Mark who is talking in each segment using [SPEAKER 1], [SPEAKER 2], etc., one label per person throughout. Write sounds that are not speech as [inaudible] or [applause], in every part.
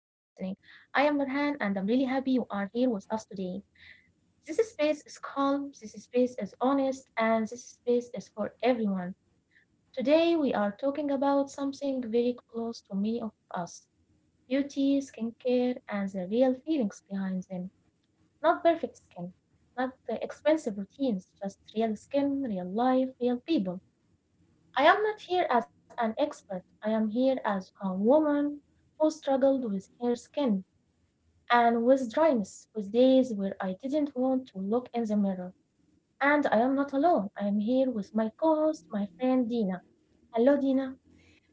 [SPEAKER 1] I am Nurhan and I'm really happy you are here with us today. This space is calm, this space is honest, and this space is for everyone. Today we are talking about something very close to many of us: beauty, skincare, and the real feelings behind them. Not perfect skin, not the expensive routines, just real skin, real life, real people. I am not here as an expert. I am here as a woman who struggled with her skin and with dryness, with days where I didn't want to look in the mirror. And I am not alone. I am here with my co host, my friend Dina. Hello, Dina.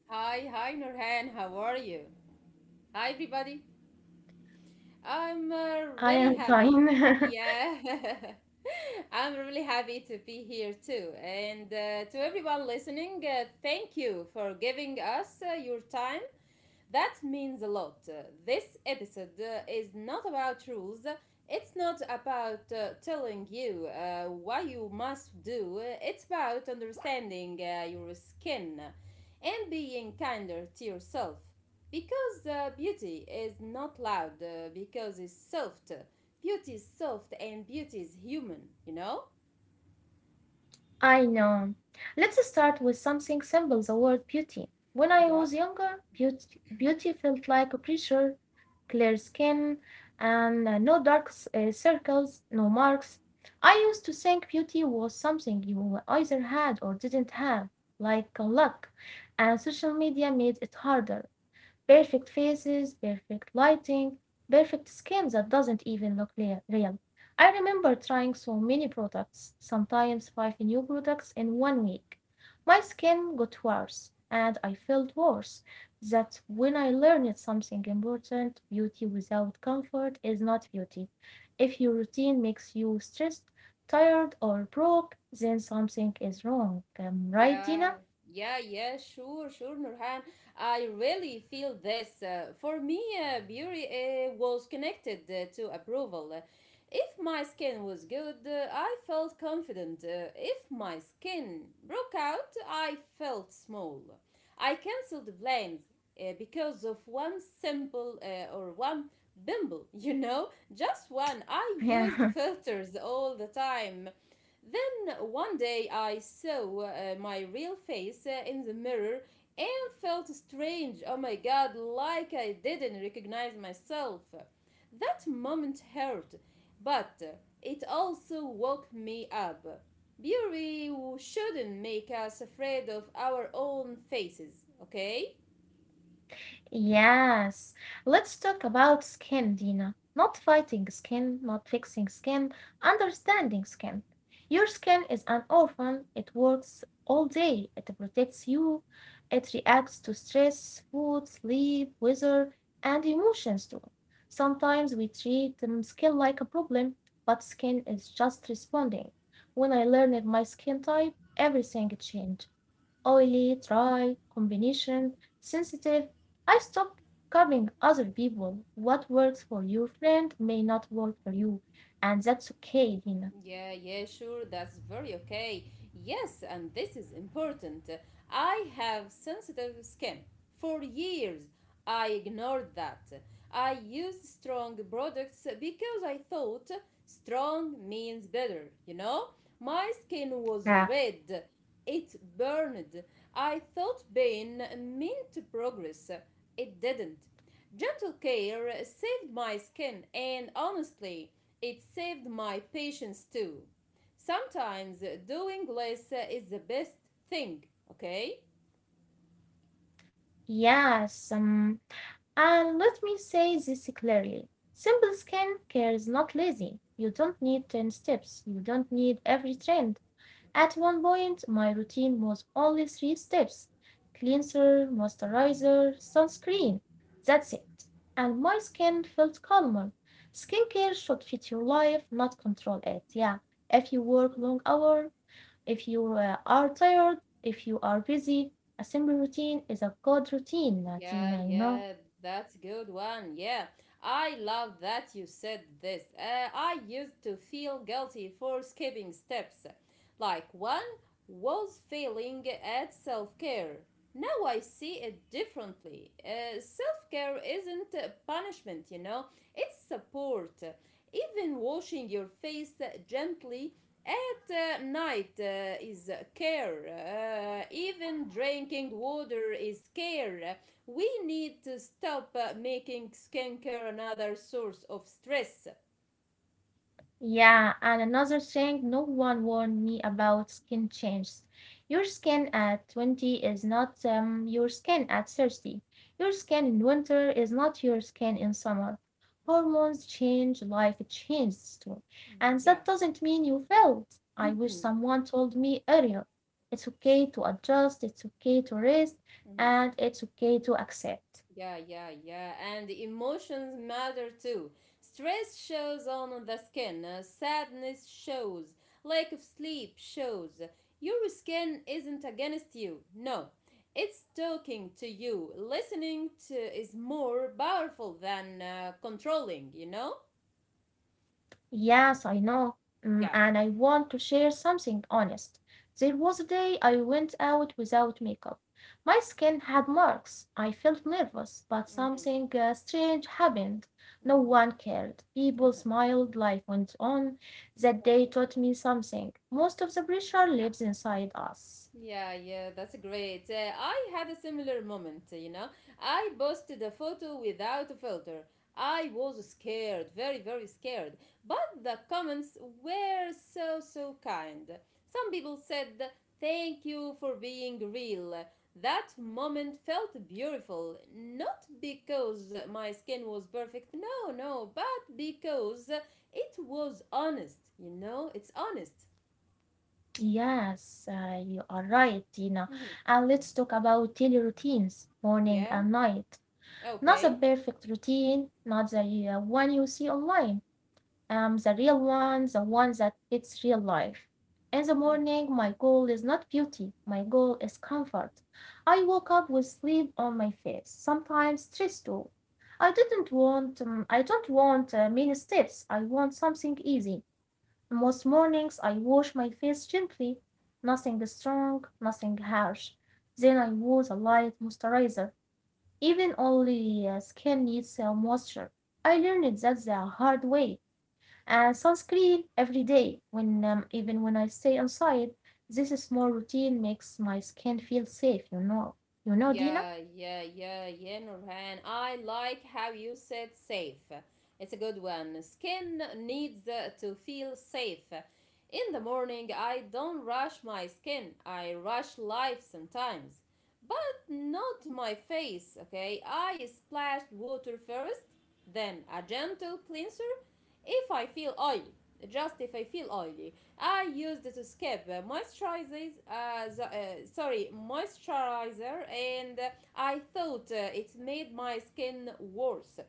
[SPEAKER 2] Hi, hi Nurhan, how are you? Hi everybody. I'm
[SPEAKER 1] I
[SPEAKER 2] uh,
[SPEAKER 1] am
[SPEAKER 2] really happy.
[SPEAKER 1] fine.
[SPEAKER 2] Yeah, [laughs] I'm really happy to be here too. And to everyone listening, thank you for giving us your time, that means a lot. This episode is not about rules. It's not about telling you what you must do. It's about understanding your skin and being kinder to yourself. Because beauty is not loud, because it's soft. Beauty is soft and beauty is human, you know?
[SPEAKER 1] [laughs] I know. Let's start with something simple: the word beauty. When I
[SPEAKER 2] Yeah.
[SPEAKER 1] was younger, beauty felt like a pressure, clear skin, and no dark circles, no marks. I used to think beauty was something you either had or didn't have, like luck, and social media made it harder. Perfect faces, perfect lighting, perfect skin that doesn't even look real. I remember trying so many products, sometimes five new products in one week. My skin got worse, and I felt worse. That when I learned something important. Beauty without comfort is not beauty. If your routine makes you stressed, tired, or broke, then something is wrong. Right,
[SPEAKER 2] Yeah,
[SPEAKER 1] Dina? [laughs]
[SPEAKER 2] yeah, yeah, sure, sure, Nurhan. I really feel this. For me, beauty was connected to approval. If my skin was good, I felt confident. If my skin broke out, I felt small. I cancelled plans because of one simple or one bimble, [laughs] you know, just one. I
[SPEAKER 1] Yeah.
[SPEAKER 2] used filters all the time. Then one day I saw my real face in the mirror and felt strange. Oh my god, like I didn't recognize myself. That moment hurt, but it also woke me up. Beauty shouldn't make us afraid of our own faces, okay?
[SPEAKER 1] Yes, let's talk about skin, Dina. Not fighting skin, not fixing skin, understanding skin. Your skin is an orphan, it works all day, it protects you, it reacts to stress, food, sleep, weather, and emotions too. Sometimes we treat skin like a problem, but skin is just responding. When I learned my skin type, everything changed: oily, dry, combination, sensitive. I stopped copying other people. What works for your friend may not work for you, and that's okay, Dina.
[SPEAKER 2] Yeah, yeah, sure, that's very okay. Yes, and this is important. I have sensitive skin. For years, I ignored that. I used strong products because I thought strong means better, you know? My skin was
[SPEAKER 1] Yeah.
[SPEAKER 2] red, it burned. I thought pain meant progress. It didn't. Gentle care saved my skin, and honestly, it saved my patience too. Sometimes doing less is the best thing, okay?
[SPEAKER 1] Yes, and let me say this clearly. Simple skin care is not lazy. You don't need 10 steps. You don't need every trend. At one point, my routine was only three steps: cleanser, moisturizer, sunscreen. That's it. And my skin felt calmer. Skincare should fit your life, not control it. Yeah. If you work long hours, if you are tired, if you are busy, a simple routine is a good routine,
[SPEAKER 2] Yeah,
[SPEAKER 1] Tina, you know.
[SPEAKER 2] yeah, that's good one. Yeah, I love that you said this. I used to feel guilty for skipping steps. Like one was failing at self care. Now I see it differently. Self care isn't a punishment, you know, it's support. Even washing your face gently at night is care. Even drinking water is care. We need to stop making skincare another source of stress.
[SPEAKER 1] Yeah, and another thing no one warned me about: skin changes. Your skin at 20 is not your skin at 30. Your skin in winter is not your skin in summer. Hormones change, life changes too. And that
[SPEAKER 2] Yeah.
[SPEAKER 1] doesn't mean you failed. I wish someone told me earlier. It's okay to adjust, it's okay to rest, and it's okay to accept.
[SPEAKER 2] Yeah, yeah, yeah. And emotions matter too. Stress shows on the skin, sadness shows, lack of sleep shows. Your skin isn't against you. No. It's talking to you. Listening to is more powerful than controlling, you know?
[SPEAKER 1] Yes, I know. Mm,
[SPEAKER 2] Yeah.
[SPEAKER 1] and I want to share something honest. There was a day I went out without makeup. My skin had marks. I felt nervous, but
[SPEAKER 2] Hmm.
[SPEAKER 1] something strange happened. No
[SPEAKER 2] Hmm.
[SPEAKER 1] one cared. People smiled, life went on. That day taught me something. Most of the pressure lives inside us.
[SPEAKER 2] Yeah, yeah, that's great. I had a similar moment, you know. I posted a photo without a filter. I was scared, very, very scared. But the comments were so, so kind. Some people said, thank you for being real. That moment felt beautiful, not because my skin was perfect, no, no, but because it was honest, you know, it's honest.
[SPEAKER 1] Yes, you are right, Tina.
[SPEAKER 2] Mhm.
[SPEAKER 1] And let's talk about daily routines, morning
[SPEAKER 2] Yeah,
[SPEAKER 1] and night. Not the
[SPEAKER 2] okay.
[SPEAKER 1] perfect routine, not the one you see online. The real one, the one that fits real life. In the morning, my goal is not beauty, my goal is comfort. I woke up with sleep on my face, sometimes stress too. I don't want many steps, I want something easy. Most mornings, I wash my face gently, nothing strong, nothing harsh. Then I use a light moisturizer. Even only skin needs moisture. I learned that the hard way. And sunscreen every day, when even when I stay inside. This small routine makes my skin feel safe. You know, Dina.
[SPEAKER 2] Yeah, yeah, yeah, yeah, Nurhan. I like how you said safe. It's a good one. Skin needs to feel safe. In the morning, I don't rush my skin. I rush life sometimes, but not my face, okay? I splashed water first, then a gentle cleanser if I feel oily. Just if I feel oily, I used to skip moisturizer, and I thought it made my skin worse.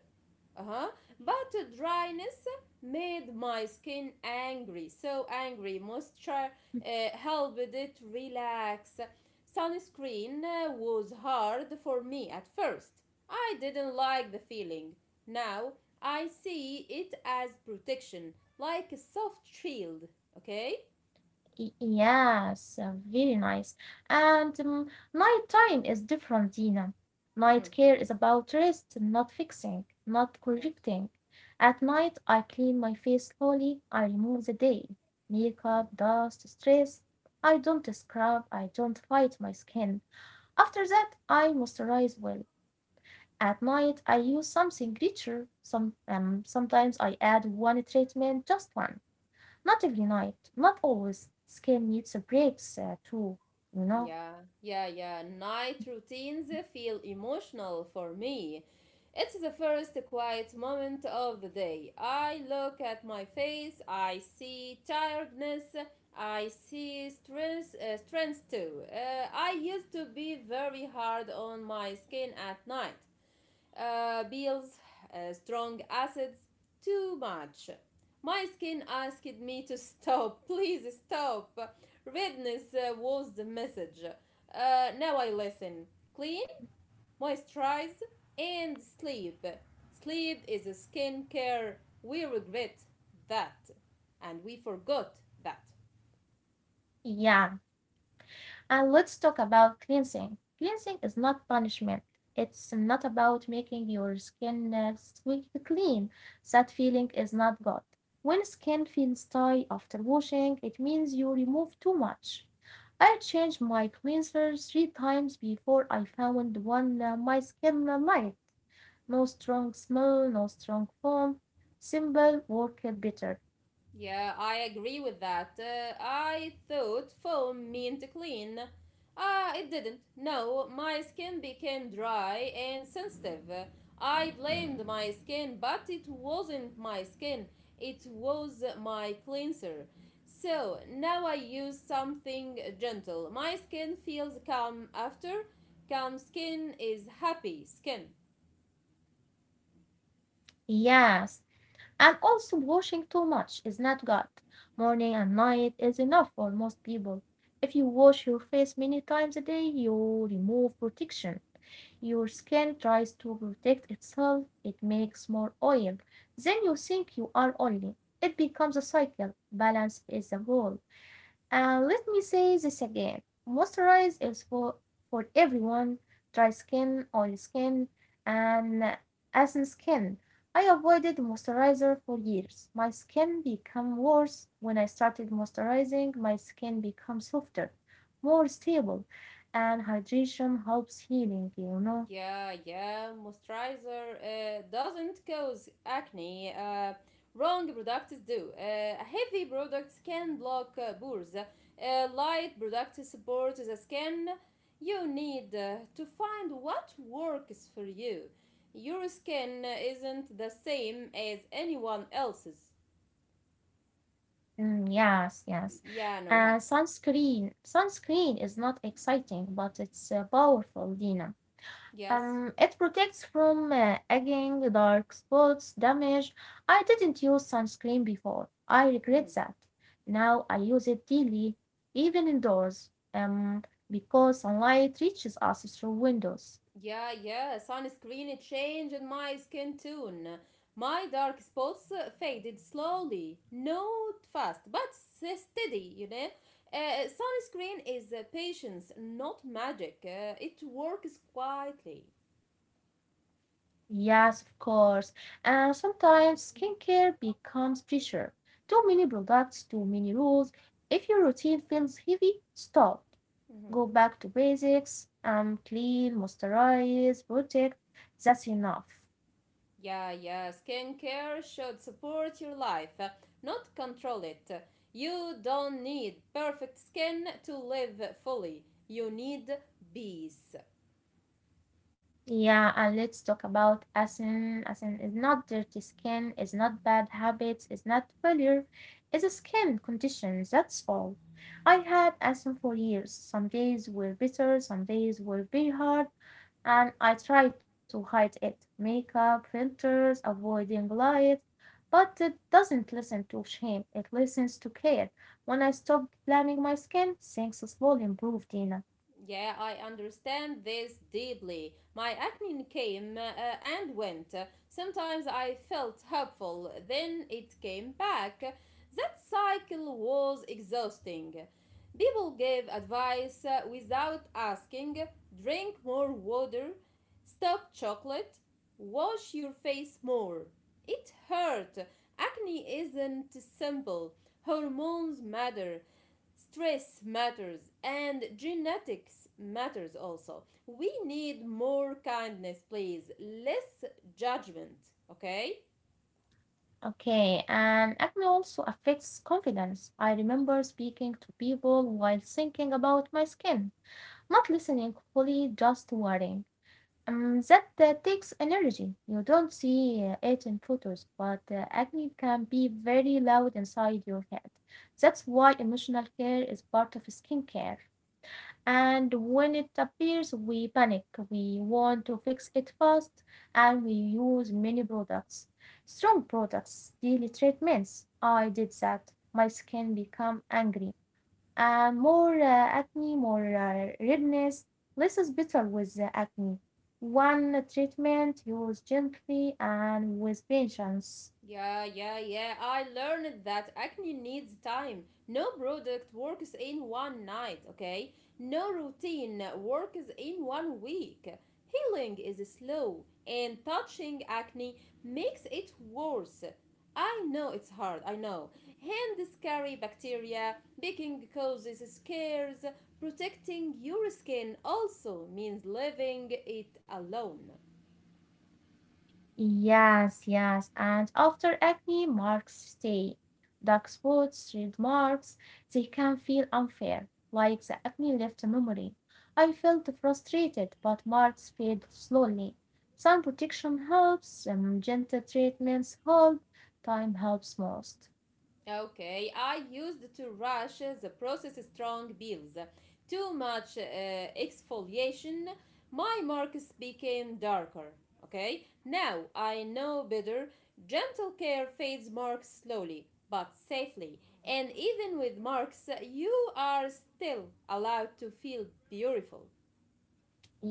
[SPEAKER 2] Uh-huh. But dryness made my skin angry, so angry. Moisture helped it relax. Sunscreen was hard for me at first. I didn't like the feeling. Now I see it as protection, like a soft shield, okay?
[SPEAKER 1] Yes, very nice. And night time is different, Dina. Night
[SPEAKER 2] Mm-hmm.
[SPEAKER 1] care is about rest, not fixing, not
[SPEAKER 2] Yes.
[SPEAKER 1] correcting. At night, I clean my face slowly. I remove the day: makeup, dust, stress. I don't scrub. I don't fight my skin. After that, I moisturize well. At night, I use something richer. Sometimes I add one treatment, just one. Not every night, not always. Skill needs a breaks, too, you know.
[SPEAKER 2] Yeah, yeah, yeah. Night routines feel emotional for me. It's the first quiet moment of the day. I look at my face, I see tiredness, I see strength, strength too. I used to be very hard on my skin at night. Pills, strong acids, too much. My skin asked me to stop. [laughs] Please stop. Redness was the message. Now I listen. Clean, moisturize, and sleep. Sleep is a skincare. We regret that, and we forgot that.
[SPEAKER 1] Yeah. And let's talk about cleansing. Cleansing is not punishment. It's not about making your skin squeaky clean. That feeling is not good. When skin feels dry after washing, it means you remove too much. I changed my cleanser three times before I found one my skin liked. No strong smell, no strong foam. Simple worked better.
[SPEAKER 2] Yeah, I agree with that. I thought foam meant clean. Ah, it didn't. No, my skin became dry and sensitive. I blamed my skin, but it wasn't my skin. It was my cleanser. So now I use something gentle. My skin feels calm after. Calm skin is happy skin.
[SPEAKER 1] Yes, and also, washing too much is not good. Morning and night is enough for most people. If you wash your face many times a day, you remove protection. Your skin tries to protect itself, it makes more oil. Then you think you are oily. It becomes a cycle. Balance is the goal. And let me say this again: moisturize is for everyone: dry skin, oily skin, and acne skin. I avoided moisturizer for years. My skin became worse when I started moisturizing. My skin became softer, more stable, and hydration helps healing, you know.
[SPEAKER 2] Yeah, yeah, moisturizer doesn't cause acne. Wrong products do. Heavy products can block pores. Light products support the skin. You need to find what works for you. Your skin isn't the same as anyone else's.
[SPEAKER 1] Mm, yes, yes.
[SPEAKER 2] Yeah,
[SPEAKER 1] And
[SPEAKER 2] Nurhan.
[SPEAKER 1] sunscreen. Sunscreen is not exciting, but it's powerful, Dina.
[SPEAKER 2] Yes.
[SPEAKER 1] It protects from aging, dark spots, damage. I didn't use sunscreen before. I regret
[SPEAKER 2] Mhm.
[SPEAKER 1] that. Now I use it daily, even indoors, because sunlight reaches us through windows.
[SPEAKER 2] Yeah, yeah, sunscreen changed my skin tone. My dark spots faded slowly, not fast, but steady, you know. Sunscreen is patience, not magic. It works quietly.
[SPEAKER 1] Yes, of course. And sometimes skincare becomes pressure. Too many products, too many rules. If your routine feels heavy, stop. Go back to basics. Clean, moisturize, protect. That's enough.
[SPEAKER 2] Yeah, yeah, skincare should support your life, not control it. You don't need perfect skin to live fully. You need peace.
[SPEAKER 1] Yeah, and let's talk about asin. Asin is not dirty skin, is not bad habits, is not failure, is a skin condition, that's all. I had asin for years. Some days were bitter, some days were very hard, and I tried to hide it. Makeup, filters, avoiding light, but it doesn't listen to shame, it listens to care. When I stopped blaming my skin, things slowly improved, Dina.
[SPEAKER 2] Yeah, I understand this deeply. My acne came and went. Sometimes I felt hopeful, then it came back. That cycle was exhausting. People gave advice without asking, drink more water, stop chocolate, wash your face more. It hurt. Acne isn't simple. Hormones matter, stress matters, and genetics matters also. We need more kindness, please, less judgment, okay.
[SPEAKER 1] Okay, and acne also affects confidence. I remember speaking to people while thinking about my skin, not listening fully, just worrying. That takes energy. You don't see it in photos, but acne can be very loud inside your head. That's why emotional care is part of skincare. And when it appears, we panic. We want to fix it fast and we use many products. Strong products, daily treatments. I did that. My skin become angry and more acne, more redness. Less is better with the acne. One treatment used gently and with patience.
[SPEAKER 2] Yeah, yeah, yeah. I learned that acne needs time. No product works in one night, okay? No routine works in one week. Healing is slow, and touching acne makes it worse. I know it's hard, I know. Hands carry bacteria, baking causes scares. Protecting your skin also means leaving it alone.
[SPEAKER 1] Yes, yes. And after acne marks stay. Dark spots, red marks, they can feel unfair, like the acne left a memory. I felt frustrated, but marks fade slowly. Sun protection helps, gentle treatments help, time helps most.
[SPEAKER 2] Okay, I used to rush the process, strong peels. Too much exfoliation, my marks became darker. Okay, now I know better. Gentle care fades marks slowly but safely, and even with marks, you are still allowed to feel beautiful.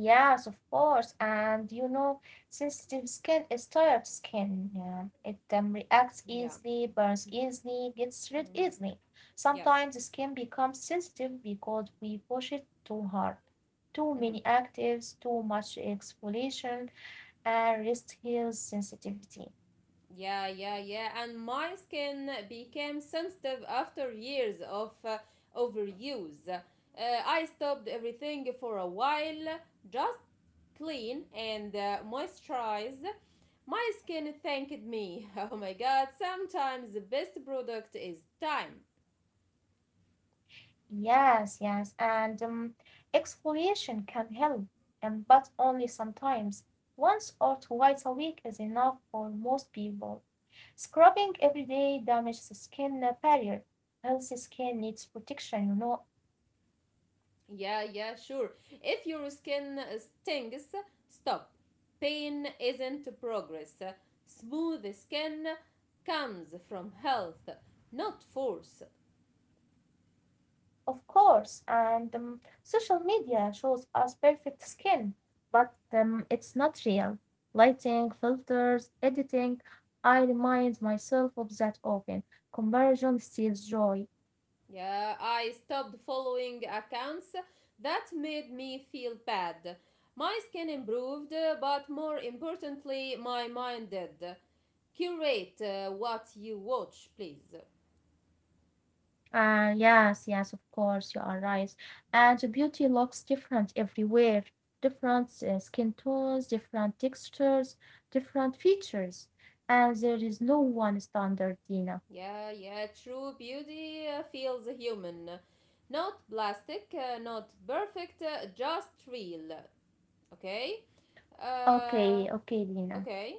[SPEAKER 1] Yes, of course. And you know, sensitive skin is tired skin. Yeah. It reacts
[SPEAKER 2] Yeah,
[SPEAKER 1] easily, burns easily, gets rid easily.
[SPEAKER 2] yes.
[SPEAKER 1] Sometimes the skin becomes sensitive because we push it too hard. Too many
[SPEAKER 2] Mhm.
[SPEAKER 1] actives, too much exfoliation, and rest heals sensitivity.
[SPEAKER 2] Yeah, yeah, yeah. And my skin became sensitive after years of overuse. I stopped everything for a while, just clean and moisturize. My skin thanked me. [laughs] Oh my god, sometimes the best product is time.
[SPEAKER 1] Yes, yes, and exfoliation can help, but only sometimes. Once or twice a week is enough for most people. Scrubbing every day damages the skin barrier. Healthy skin needs protection, you know,
[SPEAKER 2] Yeah, yeah, sure. If your skin stings, stop. Pain isn't progress. Smooth skin comes from health, not force.
[SPEAKER 1] of course. And social media shows us perfect skin, but it's not real. Lighting, filters, editing. I remind myself of that often. Comparison steals joy.
[SPEAKER 2] Yeah, I stopped following accounts that made me feel bad. My skin improved, but more importantly, my mind did. Curate what you watch, please.
[SPEAKER 1] Yes, yes, of course, you are right. And the beauty looks different everywhere. Different skin tones, different textures, different features. And there is no one standard, Dina.
[SPEAKER 2] Yeah, yeah, true beauty feels human. Not plastic, not perfect, just real. Okay? Uh,
[SPEAKER 1] Okay, okay, Dina.
[SPEAKER 2] okay.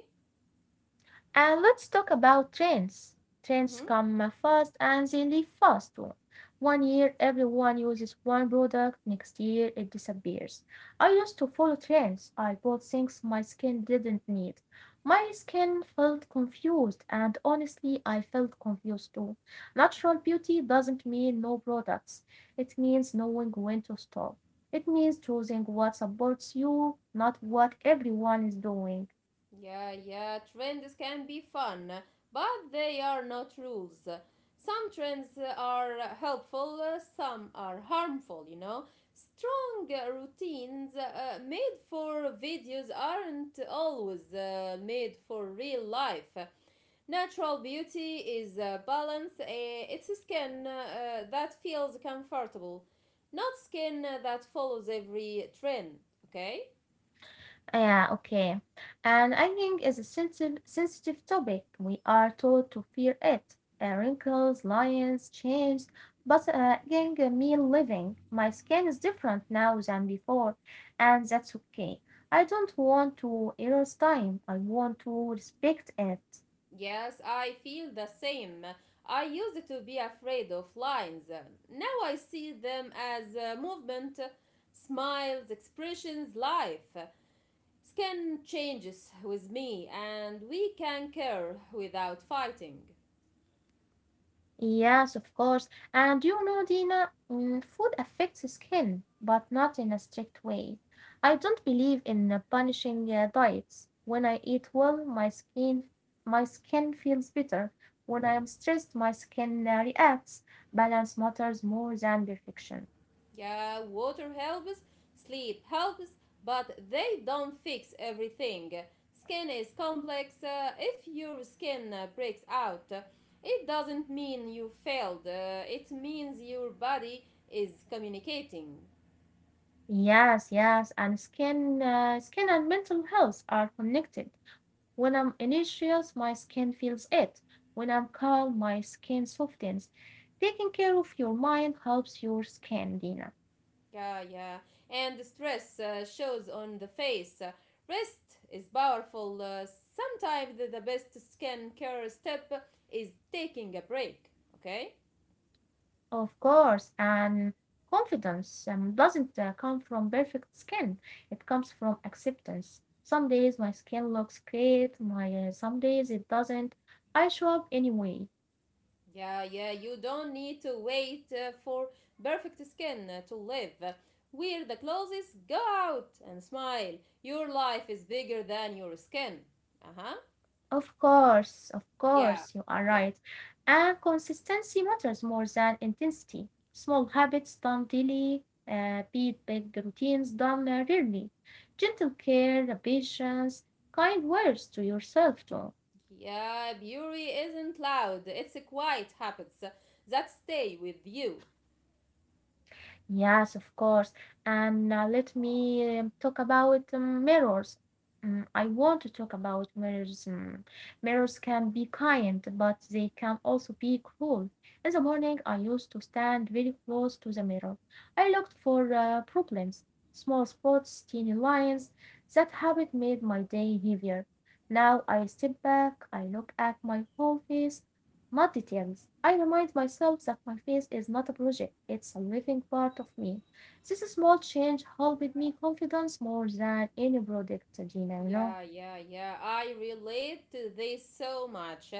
[SPEAKER 1] And let's talk about trends. Trends
[SPEAKER 2] Mm-hmm.
[SPEAKER 1] come fast and they leave fast too. One year everyone uses one product, next year it disappears. I used to follow trends. I bought things my skin didn't need. My skin felt confused, and honestly, I felt confused too. Natural beauty doesn't mean no products, it means knowing when to stop. It means choosing what supports you, not what everyone is doing.
[SPEAKER 2] Yeah, yeah, trends can be fun, but they are not rules. Some trends are helpful, some are harmful, you know. Strong routines made for videos aren't always made for real life. Natural beauty is balance. It's a skin that feels comfortable, not skin that follows every trend. Okay?
[SPEAKER 1] Yeah, okay. And aging is a sensitive topic. We are taught to fear it. Wrinkles, lines, change. But aging mean living. My skin is different now than before, and that's okay. I don't want to erase time. I want to respect it.
[SPEAKER 2] Yes, I feel the same. I used to be afraid of lines. Now I see them as movement, smiles, expressions, life. Skin changes with me, and we can care without fighting.
[SPEAKER 1] Yes, of course. And you know, Dina, mm, food affects the skin, but not in a strict way. I don't believe in punishing diets. When I eat well, my skin feels better. When I am stressed, my skin reacts. Balance matters more than perfection.
[SPEAKER 2] Yeah, water helps, sleep helps, but they don't fix everything. Skin is complex. If your skin breaks out, it doesn't mean you failed. It means your body is communicating.
[SPEAKER 1] Yes, yes, and skin and mental health are connected. When I'm anxious, my skin feels it. When I'm calm, my skin softens. Taking care of your mind helps your skin, Dina.
[SPEAKER 2] Yeah, yeah. And stress shows on the face. Rest is powerful. Sometimes the best skin care step is taking a break. Okay?
[SPEAKER 1] Of course, and confidence doesn't come from perfect skin, it comes from acceptance. Some days my skin looks great, some days it doesn't. I show up anyway.
[SPEAKER 2] Yeah, yeah, you don't need to wait for perfect skin to live. Wear the clothes, go out and smile. Your life is bigger than your skin. Uh huh.
[SPEAKER 1] Of course,
[SPEAKER 2] Yeah,
[SPEAKER 1] you are right.
[SPEAKER 2] yeah.
[SPEAKER 1] And consistency matters more than intensity. Small habits done daily beat big routines done rarely. Gentle care, patience, kind words to yourself too.
[SPEAKER 2] Yeah, beauty isn't loud, it's quiet habits that stay with you.
[SPEAKER 1] Yes, of course. And let me talk about mirrors. I want to talk about mirrors. Mirrors can be kind, but they can also be cruel. In the morning, I used to stand very close to the mirror. I looked for problems, small spots, teeny lines. That habit made my day heavier. Now I step back, I look at my whole face. Mud details. I remind myself that my face is not a project, it's a living part of me. This small change helped me confidence more than any product, Gina, you know.
[SPEAKER 2] Yeah, yeah, yeah. I relate to this so much.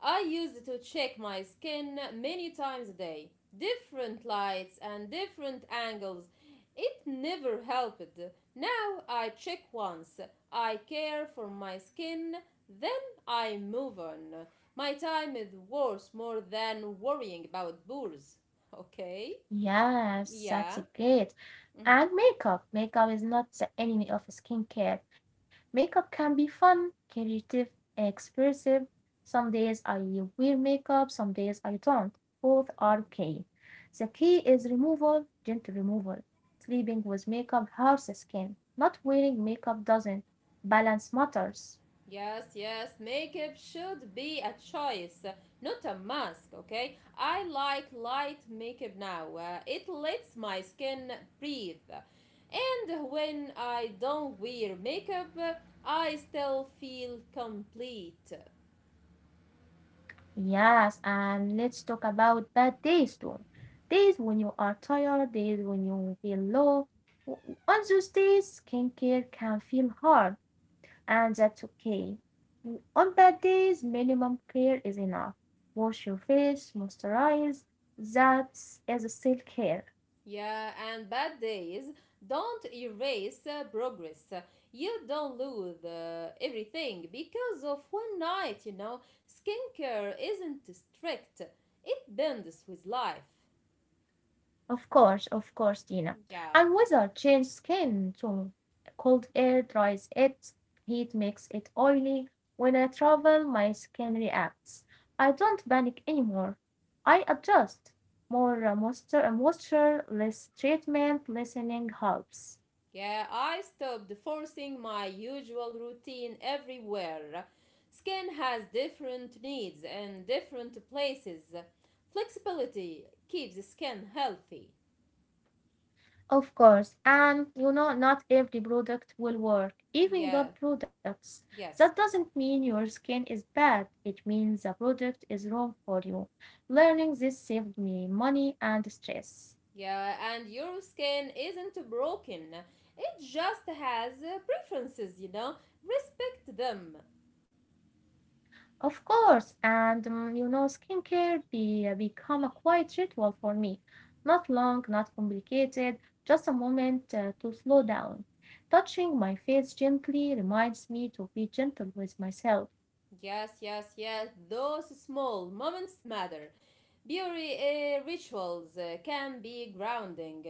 [SPEAKER 2] I used to check my skin many times a day, different lights and different angles. It never helped. Now I check once. I care for my skin, then I move on. My time is worth more than worrying about boors. Okay?
[SPEAKER 1] Yes, that's
[SPEAKER 2] Yeah.
[SPEAKER 1] a great. And makeup. Makeup is not the enemy of skincare. Makeup can be fun, creative, expressive. Some days I wear makeup, some days I don't. Both are okay. The key is removal, gentle removal. Sleeping with makeup hurts the skin. Not wearing makeup doesn't. Balance matters.
[SPEAKER 2] Yes, yes, makeup should be a choice, not a mask, okay? I like light makeup now. It lets my skin breathe. And when I don't wear makeup, I still feel complete.
[SPEAKER 1] Yes, and let's talk about bad days too. Days when you are tired, days when you feel low. On those days, skincare can feel hard, and that's okay. On bad days, minimum care is enough. Wash your face, moisturize. That is self care.
[SPEAKER 2] Yeah, and bad days don't erase progress. You don't lose everything because of one night, you know. Skincare isn't strict, it bends with life.
[SPEAKER 1] Of course, Tina.
[SPEAKER 2] Yeah.
[SPEAKER 1] And weather change skin tone. Cold air dries it, heat makes it oily. When I travel, my skin reacts. I don't panic anymore. I adjust. More moisture, moisture, less treatment, listening helps.
[SPEAKER 2] Yeah, I stopped forcing my usual routine everywhere. Skin has different needs and different places. Flexibility keeps the skin healthy.
[SPEAKER 1] Of course, and you know, not every product will work, even good
[SPEAKER 2] Yeah,
[SPEAKER 1] products. That
[SPEAKER 2] yes.
[SPEAKER 1] doesn't mean your skin is bad, it means the product is wrong for you. Learning this saved me money and stress.
[SPEAKER 2] Yeah, and your skin isn't broken. It just has preferences, you know. Respect them.
[SPEAKER 1] Of course, and you know, skincare become a quiet ritual for me. Not long, not complicated, just a moment to slow down. Touching my face gently reminds me to be gentle with myself.
[SPEAKER 2] Yes, yes, yes. Those small moments matter. Beauty rituals can be grounding.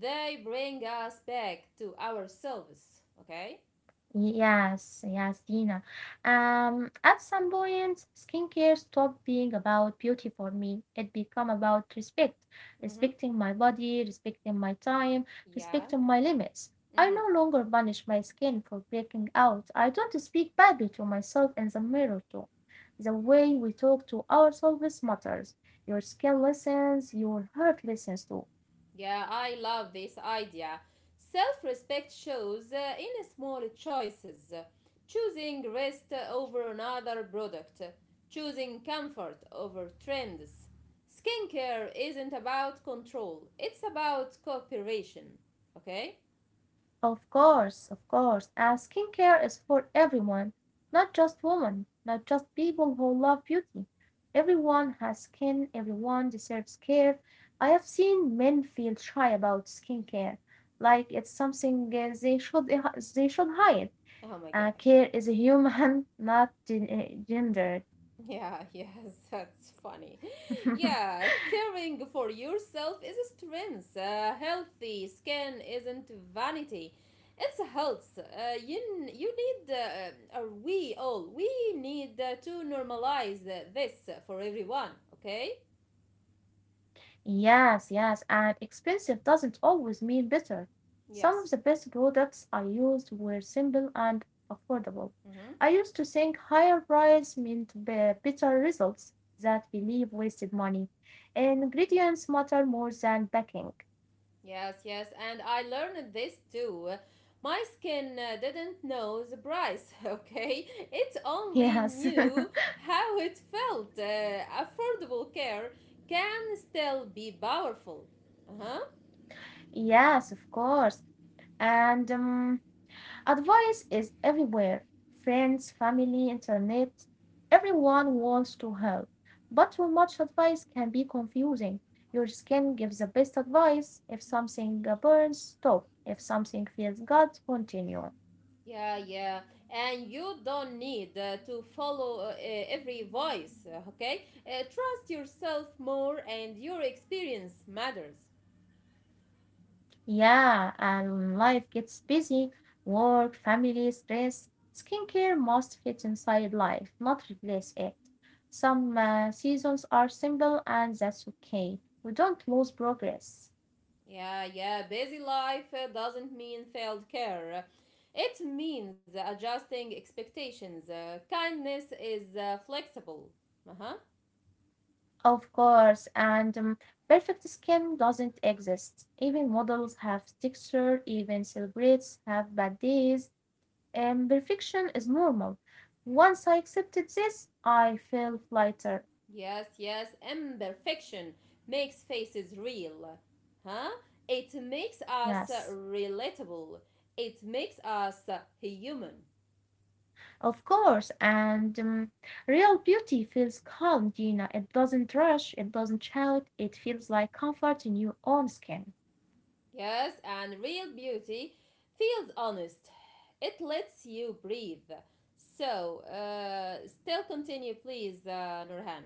[SPEAKER 2] They bring us back to ourselves. Okay.
[SPEAKER 1] Yes, yes, Dina. At some point, skincare stopped being about beauty for me. It became about respect,
[SPEAKER 2] Mhm.
[SPEAKER 1] respecting my body, respecting my time,
[SPEAKER 2] Yeah.
[SPEAKER 1] respecting my limits. I
[SPEAKER 2] Mhm.
[SPEAKER 1] no longer punish my skin for breaking out. I don't speak badly to myself in the mirror too. The way we talk to ourselves matters. Your skin listens, your heart listens too.
[SPEAKER 2] Yeah, I love this idea. Self respect shows in small choices, choosing rest over another product, choosing comfort over trends. Skincare isn't about control, it's about cooperation. Okay?
[SPEAKER 1] Of course, of course. And skincare is for everyone, not just women, not just people who love beauty. Everyone has skin, everyone deserves care. I have seen men feel shy about skincare, like it's something they should hide.
[SPEAKER 2] Oh my god.
[SPEAKER 1] Care is human, [laughs] not gendered.
[SPEAKER 2] Yeah, yes, [laughs] that's funny.
[SPEAKER 1] [laughs]
[SPEAKER 2] Yeah, caring for yourself is a strength. A healthy skin isn't vanity. It's a health. You you need we all we need to normalize this for everyone. Okay.
[SPEAKER 1] Yes, yes, and expensive doesn't always mean better. Some of
[SPEAKER 2] Yes.
[SPEAKER 1] the best products I used were simple and affordable. I
[SPEAKER 2] Mm-hmm.
[SPEAKER 1] used to think higher price meant better results that belief wasted money. Ingredients matter more than packing. [laughs]
[SPEAKER 2] Yes, yes, and I learned this too. My skin didn't know the price, [laughs] okay? It only
[SPEAKER 1] Yes,
[SPEAKER 2] knew how it felt. Affordable care can still be powerful. Uh huh.
[SPEAKER 1] [laughs] yes, of course. And advice is everywhere— friends, family, internet. Everyone wants to help, but too much advice can be confusing. Your skin gives the best advice. If something burns, stop. If something feels good, continue.
[SPEAKER 2] Yeah, yeah. And you don't need to follow every voice, okay? Trust yourself more, and your experience matters.
[SPEAKER 1] Yeah, and life gets busy work, family, stress. Skincare must fit inside life, not replace it. Some seasons are simple, and that's okay. We don't lose progress.
[SPEAKER 2] Yeah, yeah, busy life doesn't mean failed care. It means adjusting expectations. Kindness is flexible. Uh huh.
[SPEAKER 1] Of course, and perfect skin doesn't exist. Even models have texture, even celebrities have bad days, and perfection is normal. Once I accepted this, I felt lighter.
[SPEAKER 2] Yes, yes, imperfection makes faces real. Huh? It makes us
[SPEAKER 1] Yes,
[SPEAKER 2] relatable. It makes us human.
[SPEAKER 1] of course, and real beauty feels calm, Gina. It doesn't rush, it doesn't shout, it feels like comfort in your own skin.
[SPEAKER 2] Yes, and real beauty feels honest. It lets you breathe. So, still continue, please, Nurhan.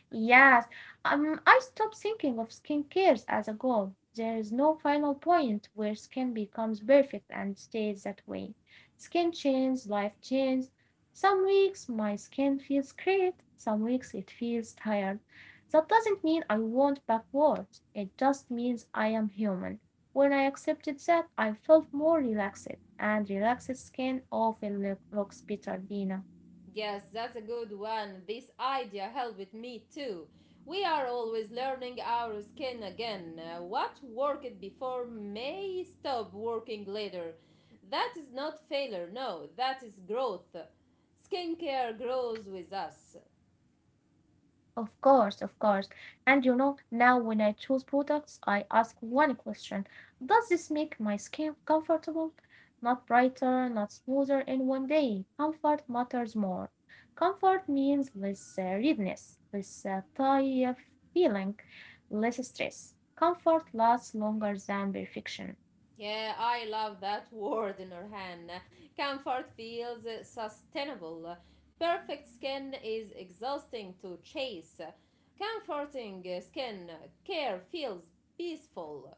[SPEAKER 1] Yes, I stopped thinking of skincare as a goal. There is no final point where skin becomes perfect and stays that way. Skin changes, life changes. Some weeks my skin feels great, some weeks it feels tired. That doesn't mean I will backwards. It just means I am human. When I accepted that, I felt more relaxed, and relaxed skin often looks better, Dina.
[SPEAKER 2] Yes, that's a good one. This idea helped me too. We are always learning our skin again. What worked before may stop working later. That is not failure, no, that is growth. Skincare grows with us.
[SPEAKER 1] Of course, of course. And you know, now when I choose products, I ask one question. Does this make my skin comfortable? Not brighter, not smoother in 1 day. Comfort matters more. Comfort means less redness, less tight feeling, less stress. Comfort lasts longer than perfection.
[SPEAKER 2] Yeah, I love that [laughs] word, Nurhan. Comfort feels sustainable. Perfect skin is exhausting to chase. Comforting skin care feels peaceful.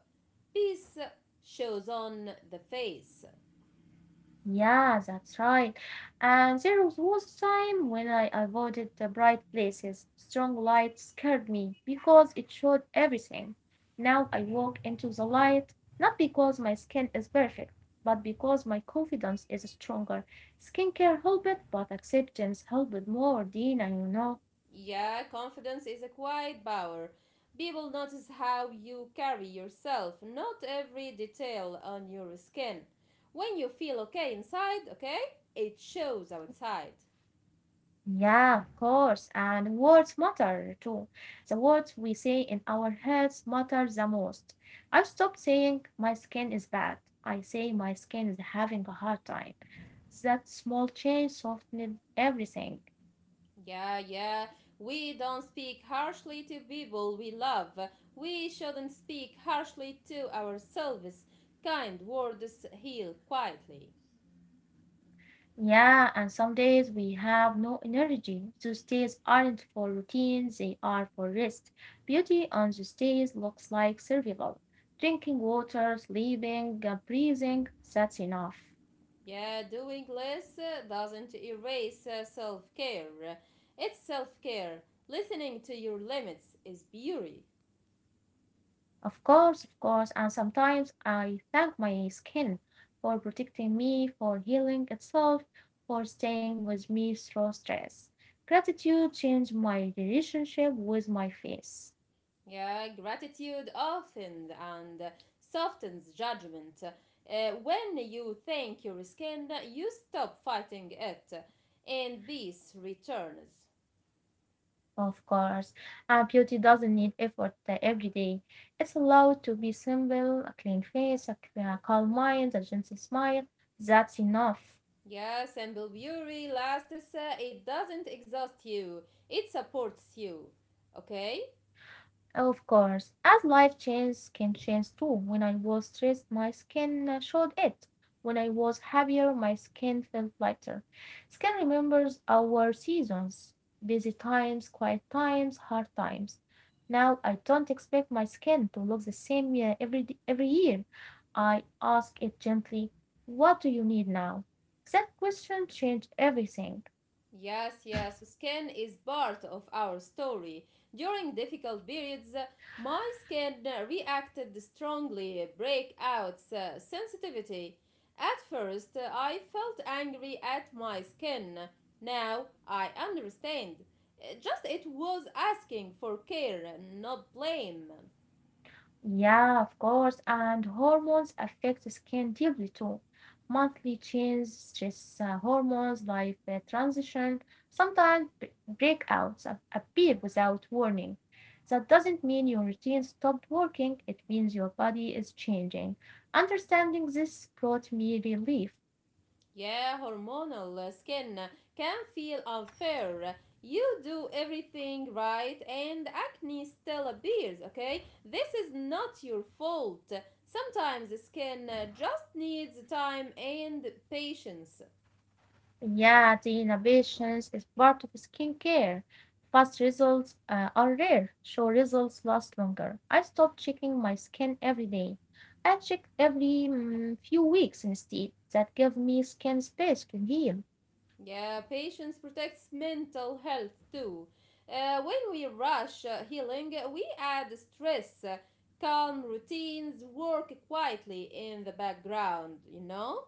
[SPEAKER 2] Peace shows on the face.
[SPEAKER 1] Yeah, that's right. And there was a time when I avoided the bright places. Strong light scared me because it showed everything. Now I walk into the light, not because my skin is perfect, but because my confidence is stronger. Skincare helped, but acceptance helped more, Dina, you know.
[SPEAKER 2] Yeah, confidence is a quiet power. People notice how you carry yourself, not every detail on your skin. When you feel okay inside, okay, it shows outside.
[SPEAKER 1] Yeah, of course. And words matter too. The words we say in our heads matter the most. I stopped saying my skin is bad. I say my skin is having a hard time. That small change softened everything.
[SPEAKER 2] Yeah, yeah. We don't speak harshly to people we love. We shouldn't speak harshly to ourselves. Kind words heal quietly.
[SPEAKER 1] Yeah, and some days we have no energy. Those days aren't for routines, they are for rest. Beauty on those days looks like survival. Drinking water, sleeping, breathing, that's enough.
[SPEAKER 2] Yeah, doing less doesn't erase self care. It's self care. Listening to your limits is beauty.
[SPEAKER 1] Of course, and sometimes I thank my skin for protecting me, for healing itself, for staying with me through stress. Gratitude changed my relationship with my face.
[SPEAKER 2] Yeah, gratitude often and softens judgment. When you thank your skin, you stop fighting it, and peace returns.
[SPEAKER 1] Of course, and beauty doesn't need effort every day. It's allowed to be simple, a clean face, a calm mind, a gentle smile. That's enough.
[SPEAKER 2] Yeah, simple beauty lasts. It doesn't exhaust you. It supports you. Okay.
[SPEAKER 1] Of course, as life changes can change too. When I was stressed, my skin showed it. When I was happier, my skin felt lighter. Skin remembers our seasons, busy times, quiet times, hard times. Now I don't expect my skin to look the same every every year. I ask it gently, "What do you need now?" That question changed everything.
[SPEAKER 2] Yes, yes, skin is part of our story. During difficult periods, my skin reacted strongly, breakouts, sensitivity. At first, I felt angry at my skin. Now I understand. Just it was asking for care, not blame.
[SPEAKER 1] Yeah, of course. And hormones affect the skin deeply too. Monthly changes, stress hormones, life transition, sometimes breakouts appear without warning. That doesn't mean your routine stopped working, it means your body is changing. Understanding this brought me relief.
[SPEAKER 2] Yeah, hormonal skin can feel unfair. You do everything right and acne still appears, okay? This is not your fault. Sometimes the skin just needs time and patience.
[SPEAKER 1] Yeah, the innovations is part of skincare. Fast results are rare, so results last longer. I stopped checking my skin every day. I check every few weeks instead. That gave me skin space to heal.
[SPEAKER 2] Yeah, patience protects mental health too. When we rush healing, we add stress. Calm routines work quietly in the background, you know?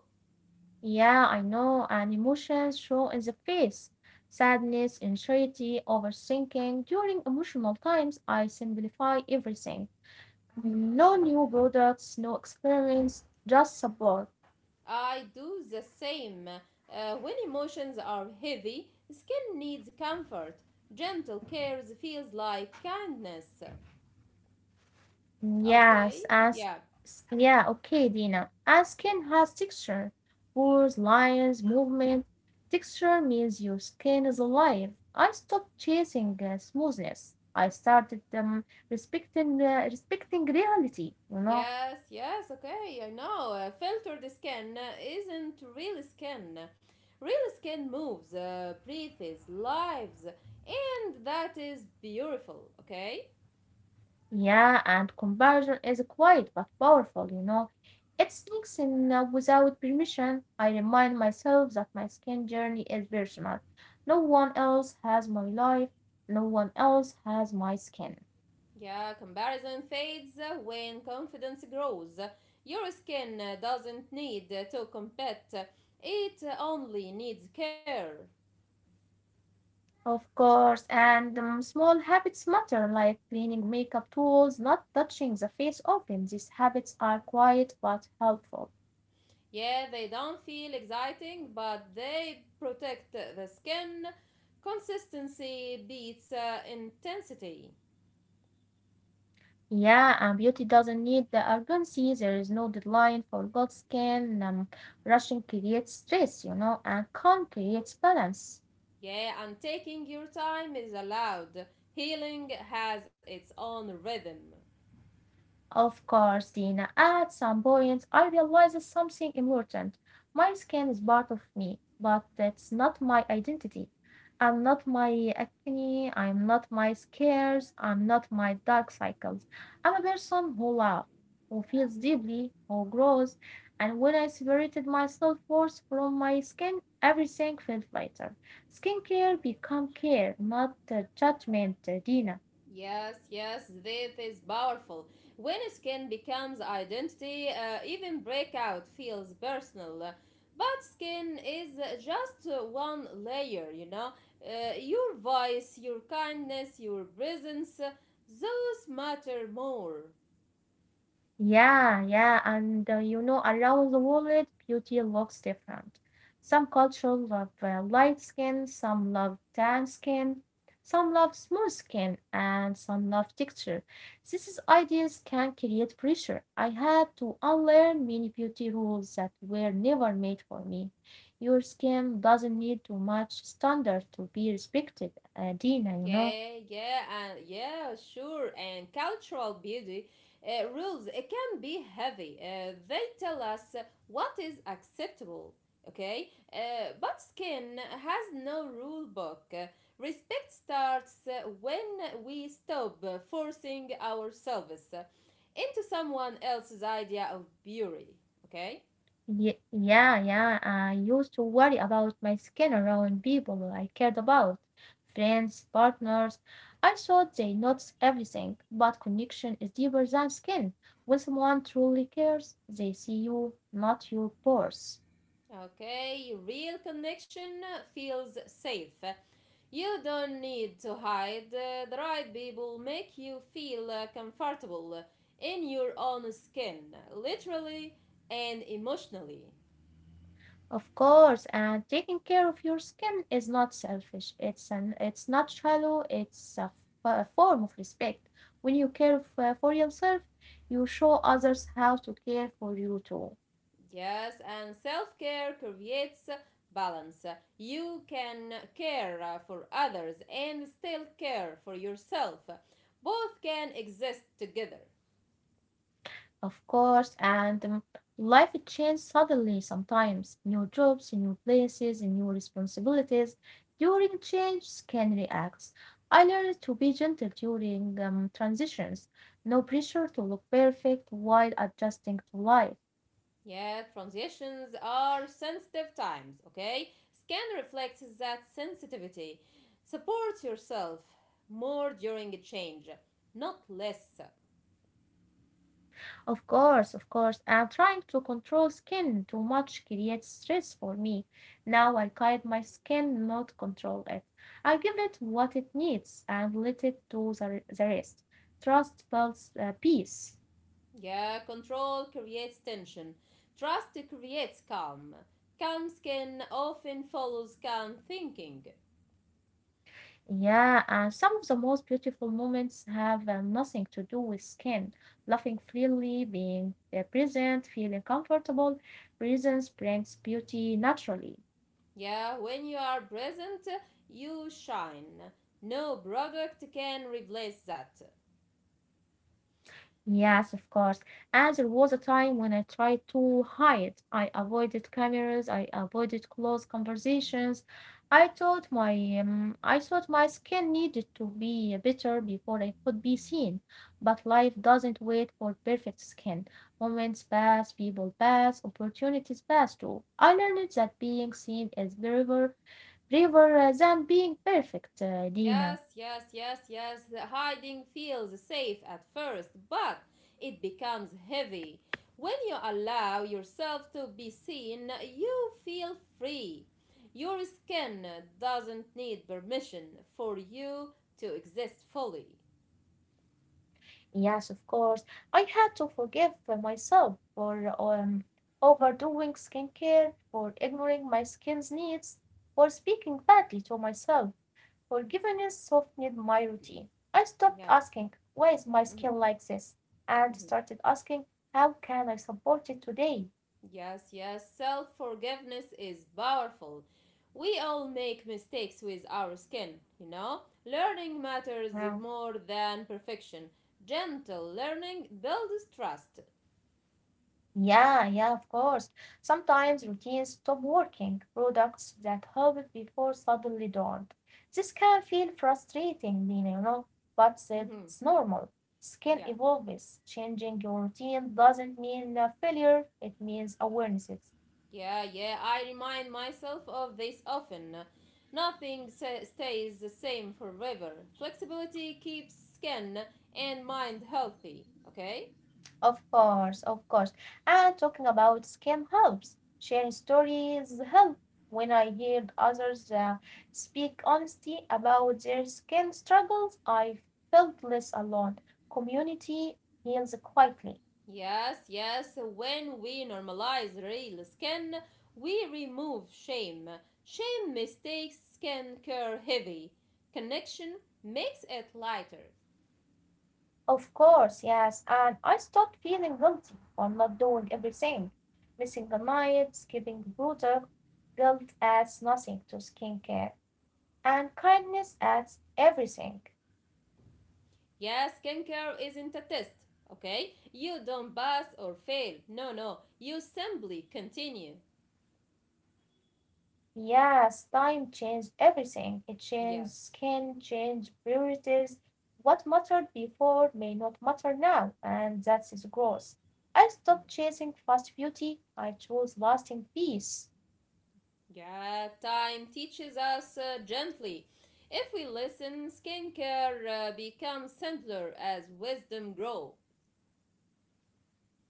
[SPEAKER 1] Yeah, I know, and emotions show in the face. Sadness, anxiety, overthinking. During emotional times, I simplify everything. No new products, no experiments, just support.
[SPEAKER 2] I do the same. When emotions are heavy, skin needs comfort. Gentle cares feels like kindness.
[SPEAKER 1] Yes,
[SPEAKER 2] Okay,
[SPEAKER 1] ask.
[SPEAKER 2] yeah.
[SPEAKER 1] Yeah, okay, Dina. Asking has texture, words, lines, movement. Texture means your skin is alive. I stopped chasing smoothness. I started respecting reality. You know,
[SPEAKER 2] Yes, yes, okay, I know. Filtered skin isn't real skin. Real skin moves, breathes, lives, and that is beautiful, okay?
[SPEAKER 1] yeah, and comparison is quiet but powerful, you know. It sneaks in without permission. I remind myself that my skin journey is personal. No one else has my life, no one else has my skin.
[SPEAKER 2] Yeah, comparison fades when confidence grows. Your skin doesn't need to compete, it only needs care.
[SPEAKER 1] Of course, and small habits matter, like cleaning makeup tools, not touching the face often. These habits are quiet but helpful.
[SPEAKER 2] Yeah, they don't feel exciting, but they protect the skin. Consistency beats intensity.
[SPEAKER 1] Yeah, and beauty doesn't need the urgency. There is no deadline for good skin. Rushing creates stress, you know, and calm creates balance.
[SPEAKER 2] Yeah, and taking your time is allowed. Healing has its own rhythm.
[SPEAKER 1] Of course, Dina. At some point, I realized something important. My skin is part of me, but that's not my identity. I'm not my acne, I'm not my scars, I'm not my dark cycles. I'm a person who loves, who feels deeply, who grows, and when I separated my self worth from my skin, everything felt lighter. Skincare become care, not judgment, Dina.
[SPEAKER 2] Yes, yes, this is powerful. When skin becomes identity, even breakout feels personal. But skin is just one layer, you know. Your voice, your kindness, your presence, those matter more.
[SPEAKER 1] Yeah, yeah, and you know, around the world, beauty looks different. Some cultures love light skin, some love tan skin, some love smooth skin, and some love texture. These ideas can create pressure. I had to unlearn many beauty rules that were never made for me. Your skin doesn't need too much standard to be respected, Dina, you know.
[SPEAKER 2] Yeah, yeah, and yeah, sure. And cultural beauty rules it can be heavy. They tell us what is acceptable. Okay, but skin has no rule book. Respect starts when we stop forcing ourselves into someone else's idea of beauty. Okay.
[SPEAKER 1] Ye yeah, yeah. I used to worry about my skin around people I cared about, friends, partners. I thought they noticed everything, but connection is deeper than skin. When someone truly cares, they see you, not your pores.
[SPEAKER 2] Okay, real connection feels safe. You don't need to hide. The right people make you feel comfortable in your own skin, literally and emotionally.
[SPEAKER 1] Of course, and taking care of your skin is not selfish. It's not shallow. It's a form of respect. When you care for yourself, you show others how to care for you too.
[SPEAKER 2] Yes, and self care creates balance. You can care for others and still care for yourself. Both can exist together.
[SPEAKER 1] Of course, and life changes suddenly sometimes. New jobs, new places, and new responsibilities. During changes can react. I learned to be gentle during transitions. No pressure to look perfect while adjusting to life.
[SPEAKER 2] Yeah, transitions are sensitive times, okay? Scan reflects that sensitivity. Support yourself more during a change, not less.
[SPEAKER 1] Of course, of course. I'm trying to control skin too much creates stress for me. Now I guide my skin, not control it. I give it what it needs and let it do the rest. Trust builds peace.
[SPEAKER 2] Yeah, control creates tension. Trust creates calm. Calm skin often follows calm thinking.
[SPEAKER 1] Yeah, and some of the most beautiful moments have nothing to do with skin. Laughing freely, being present, feeling comfortable. Presence brings beauty naturally.
[SPEAKER 2] Yeah, when you are present, you shine. No product can replace that.
[SPEAKER 1] Yes, of course. And there was a time when I tried to hide. I avoided cameras, I avoided close conversations. I thought my I thought my skin needed to be better before I could be seen. But life doesn't wait for perfect skin. Moments pass, people pass, opportunities pass too. I learned that being seen is braver, braver than being perfect, Dina.
[SPEAKER 2] Yes, yes, yes, yes. The hiding feels safe at first, but it becomes heavy. When you allow yourself to be seen, you feel free. Your skin doesn't need permission for you to exist fully.
[SPEAKER 1] Yes, of course. I had to forgive myself for overdoing skincare, for ignoring my skin's needs, for speaking badly to myself. Forgiveness softened my routine. I
[SPEAKER 2] Yeah.
[SPEAKER 1] stopped asking, why is my
[SPEAKER 2] Mhm,
[SPEAKER 1] skin like this? And
[SPEAKER 2] mhm.
[SPEAKER 1] started asking, how can I support it today?
[SPEAKER 2] Yes, yes, self forgiveness is powerful. We all make mistakes with our skin, you know? Learning matters
[SPEAKER 1] Wow.
[SPEAKER 2] more than perfection. Gentle learning builds trust.
[SPEAKER 1] Yeah, yeah, of course. Sometimes routines stop working. Products that helped before suddenly don't. This can feel frustrating, Lina, you know, but it's
[SPEAKER 2] Mhm,
[SPEAKER 1] normal. Skin
[SPEAKER 2] yeah,
[SPEAKER 1] evolves. Changing your routine doesn't mean a failure, it means awarenesses.
[SPEAKER 2] yeah, yeah, I remind myself of this often. Nothing stays the same forever. Flexibility keeps skin and mind healthy, okay?
[SPEAKER 1] Of course, of course. And talking about scam helps. Sharing stories help. When I heard others speak honesty about their skin struggles, I felt less alone. Community heals quietly.
[SPEAKER 2] Yes, yes, when we normalize real skin, we remove shame. Shame mistakes skincare heavy. Connection makes it lighter.
[SPEAKER 1] Of course, yes. And I stopped feeling guilty for not doing everything. Missing a night, skipping the product. Guilt adds nothing to skincare, and kindness adds everything.
[SPEAKER 2] Yes, skincare isn't a test, okay? You don't pass or fail. No, no, you simply continue.
[SPEAKER 1] Yes, time changed everything. It changed
[SPEAKER 2] Yes.
[SPEAKER 1] skin, changed priorities. What mattered before may not matter now, and that is gross. I stopped chasing fast beauty. I chose lasting peace.
[SPEAKER 2] Yeah, time teaches us gently. If we listen, skincare becomes simpler as wisdom grows.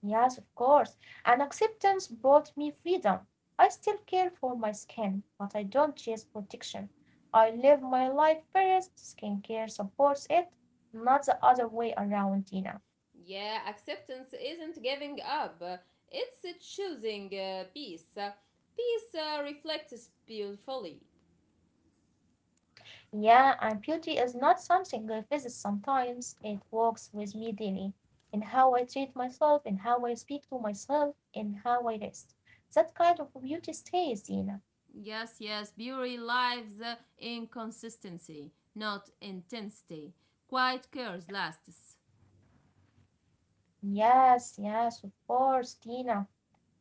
[SPEAKER 1] Yes, of course. And acceptance brought me freedom. I still care for my skin, but I don't chase protection. I live my life first. Skincare supports it, not the other way around, Dina.
[SPEAKER 2] Yeah, acceptance isn't giving up, it's choosing peace. Peace reflects beautifully.
[SPEAKER 1] Yeah, and beauty is not something I visit sometimes. It works with me daily in how I treat myself, in how I speak to myself, in how I rest. That kind of beauty stays, Dina.
[SPEAKER 2] Yes, yes, beauty lives in consistency, not intensity. Quiet cares lasts.
[SPEAKER 1] Yes, yes, of course, Dina.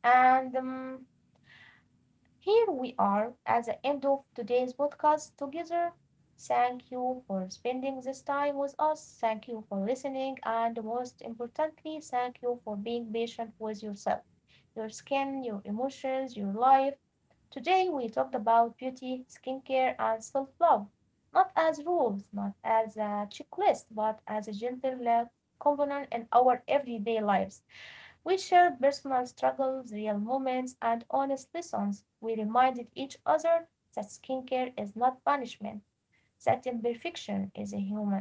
[SPEAKER 1] And Here we are at the end of today's podcast together. Thank you for spending this time with us. Thank you for listening. And most importantly, thank you for being patient with yourself, your skin, your emotions, your life. Today, we talked about beauty, skincare, and self love, not as rules, not as a checklist, but as a gentle love component in our everyday lives. We shared personal struggles, real moments, and honest lessons. We reminded each other that skincare is not punishment that imperfection is human,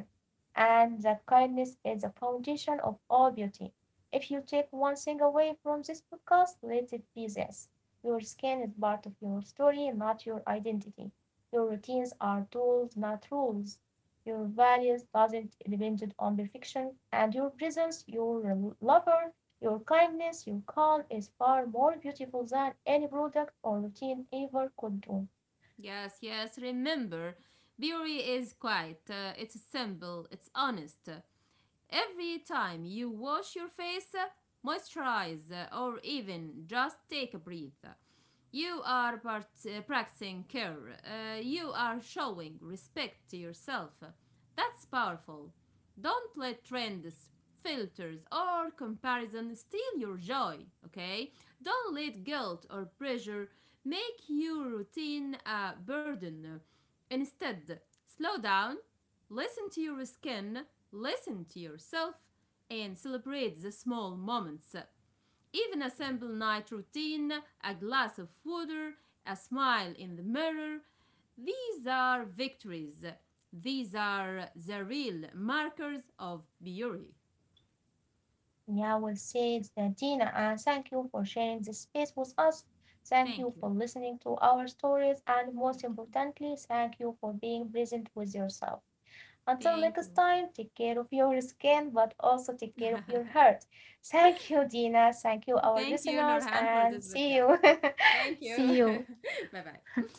[SPEAKER 1] and that kindness is the foundation of all beauty. If you take one thing away from this podcast, let it be this. Your skin is part of your story, not your identity. Your routines are tools, not rules. Your values doesn't depend on perfection, and your presence, your lover, your kindness, your calm is far more beautiful than any product or routine ever could do.
[SPEAKER 2] Yes, yes, remember, beauty is quiet, it's simple, it's honest. Every time you wash your face, moisturize, or even just take a breath, you are practicing care. You are showing respect to yourself. That's powerful. Don't let trends, filters, or comparison steal your joy, okay? Don't let guilt or pressure make your routine a burden. Instead, slow down, listen to your skin, listen to yourself, and celebrate the small moments. Even a simple night routine, a glass of water, a smile in the mirror. These are victories. These are the real markers of beauty.
[SPEAKER 1] Yahweh says, that Dina, I thank you for sharing this space with us. Thank you
[SPEAKER 2] Thank
[SPEAKER 1] for
[SPEAKER 2] you.
[SPEAKER 1] listening to our stories, and most
[SPEAKER 2] Thank you.
[SPEAKER 1] importantly, thank you for being present with yourself. Until next
[SPEAKER 2] Thank you.
[SPEAKER 1] time, take care of your skin, but also take care of your heart. Thank you, Dina. Thank you, our
[SPEAKER 2] Thank you,
[SPEAKER 1] listeners,
[SPEAKER 2] Nurhan, for
[SPEAKER 1] and
[SPEAKER 2] this
[SPEAKER 1] see
[SPEAKER 2] podcast.
[SPEAKER 1] you. [laughs]
[SPEAKER 2] Thank
[SPEAKER 1] see
[SPEAKER 2] you.
[SPEAKER 1] you.
[SPEAKER 2] [laughs] Bye bye.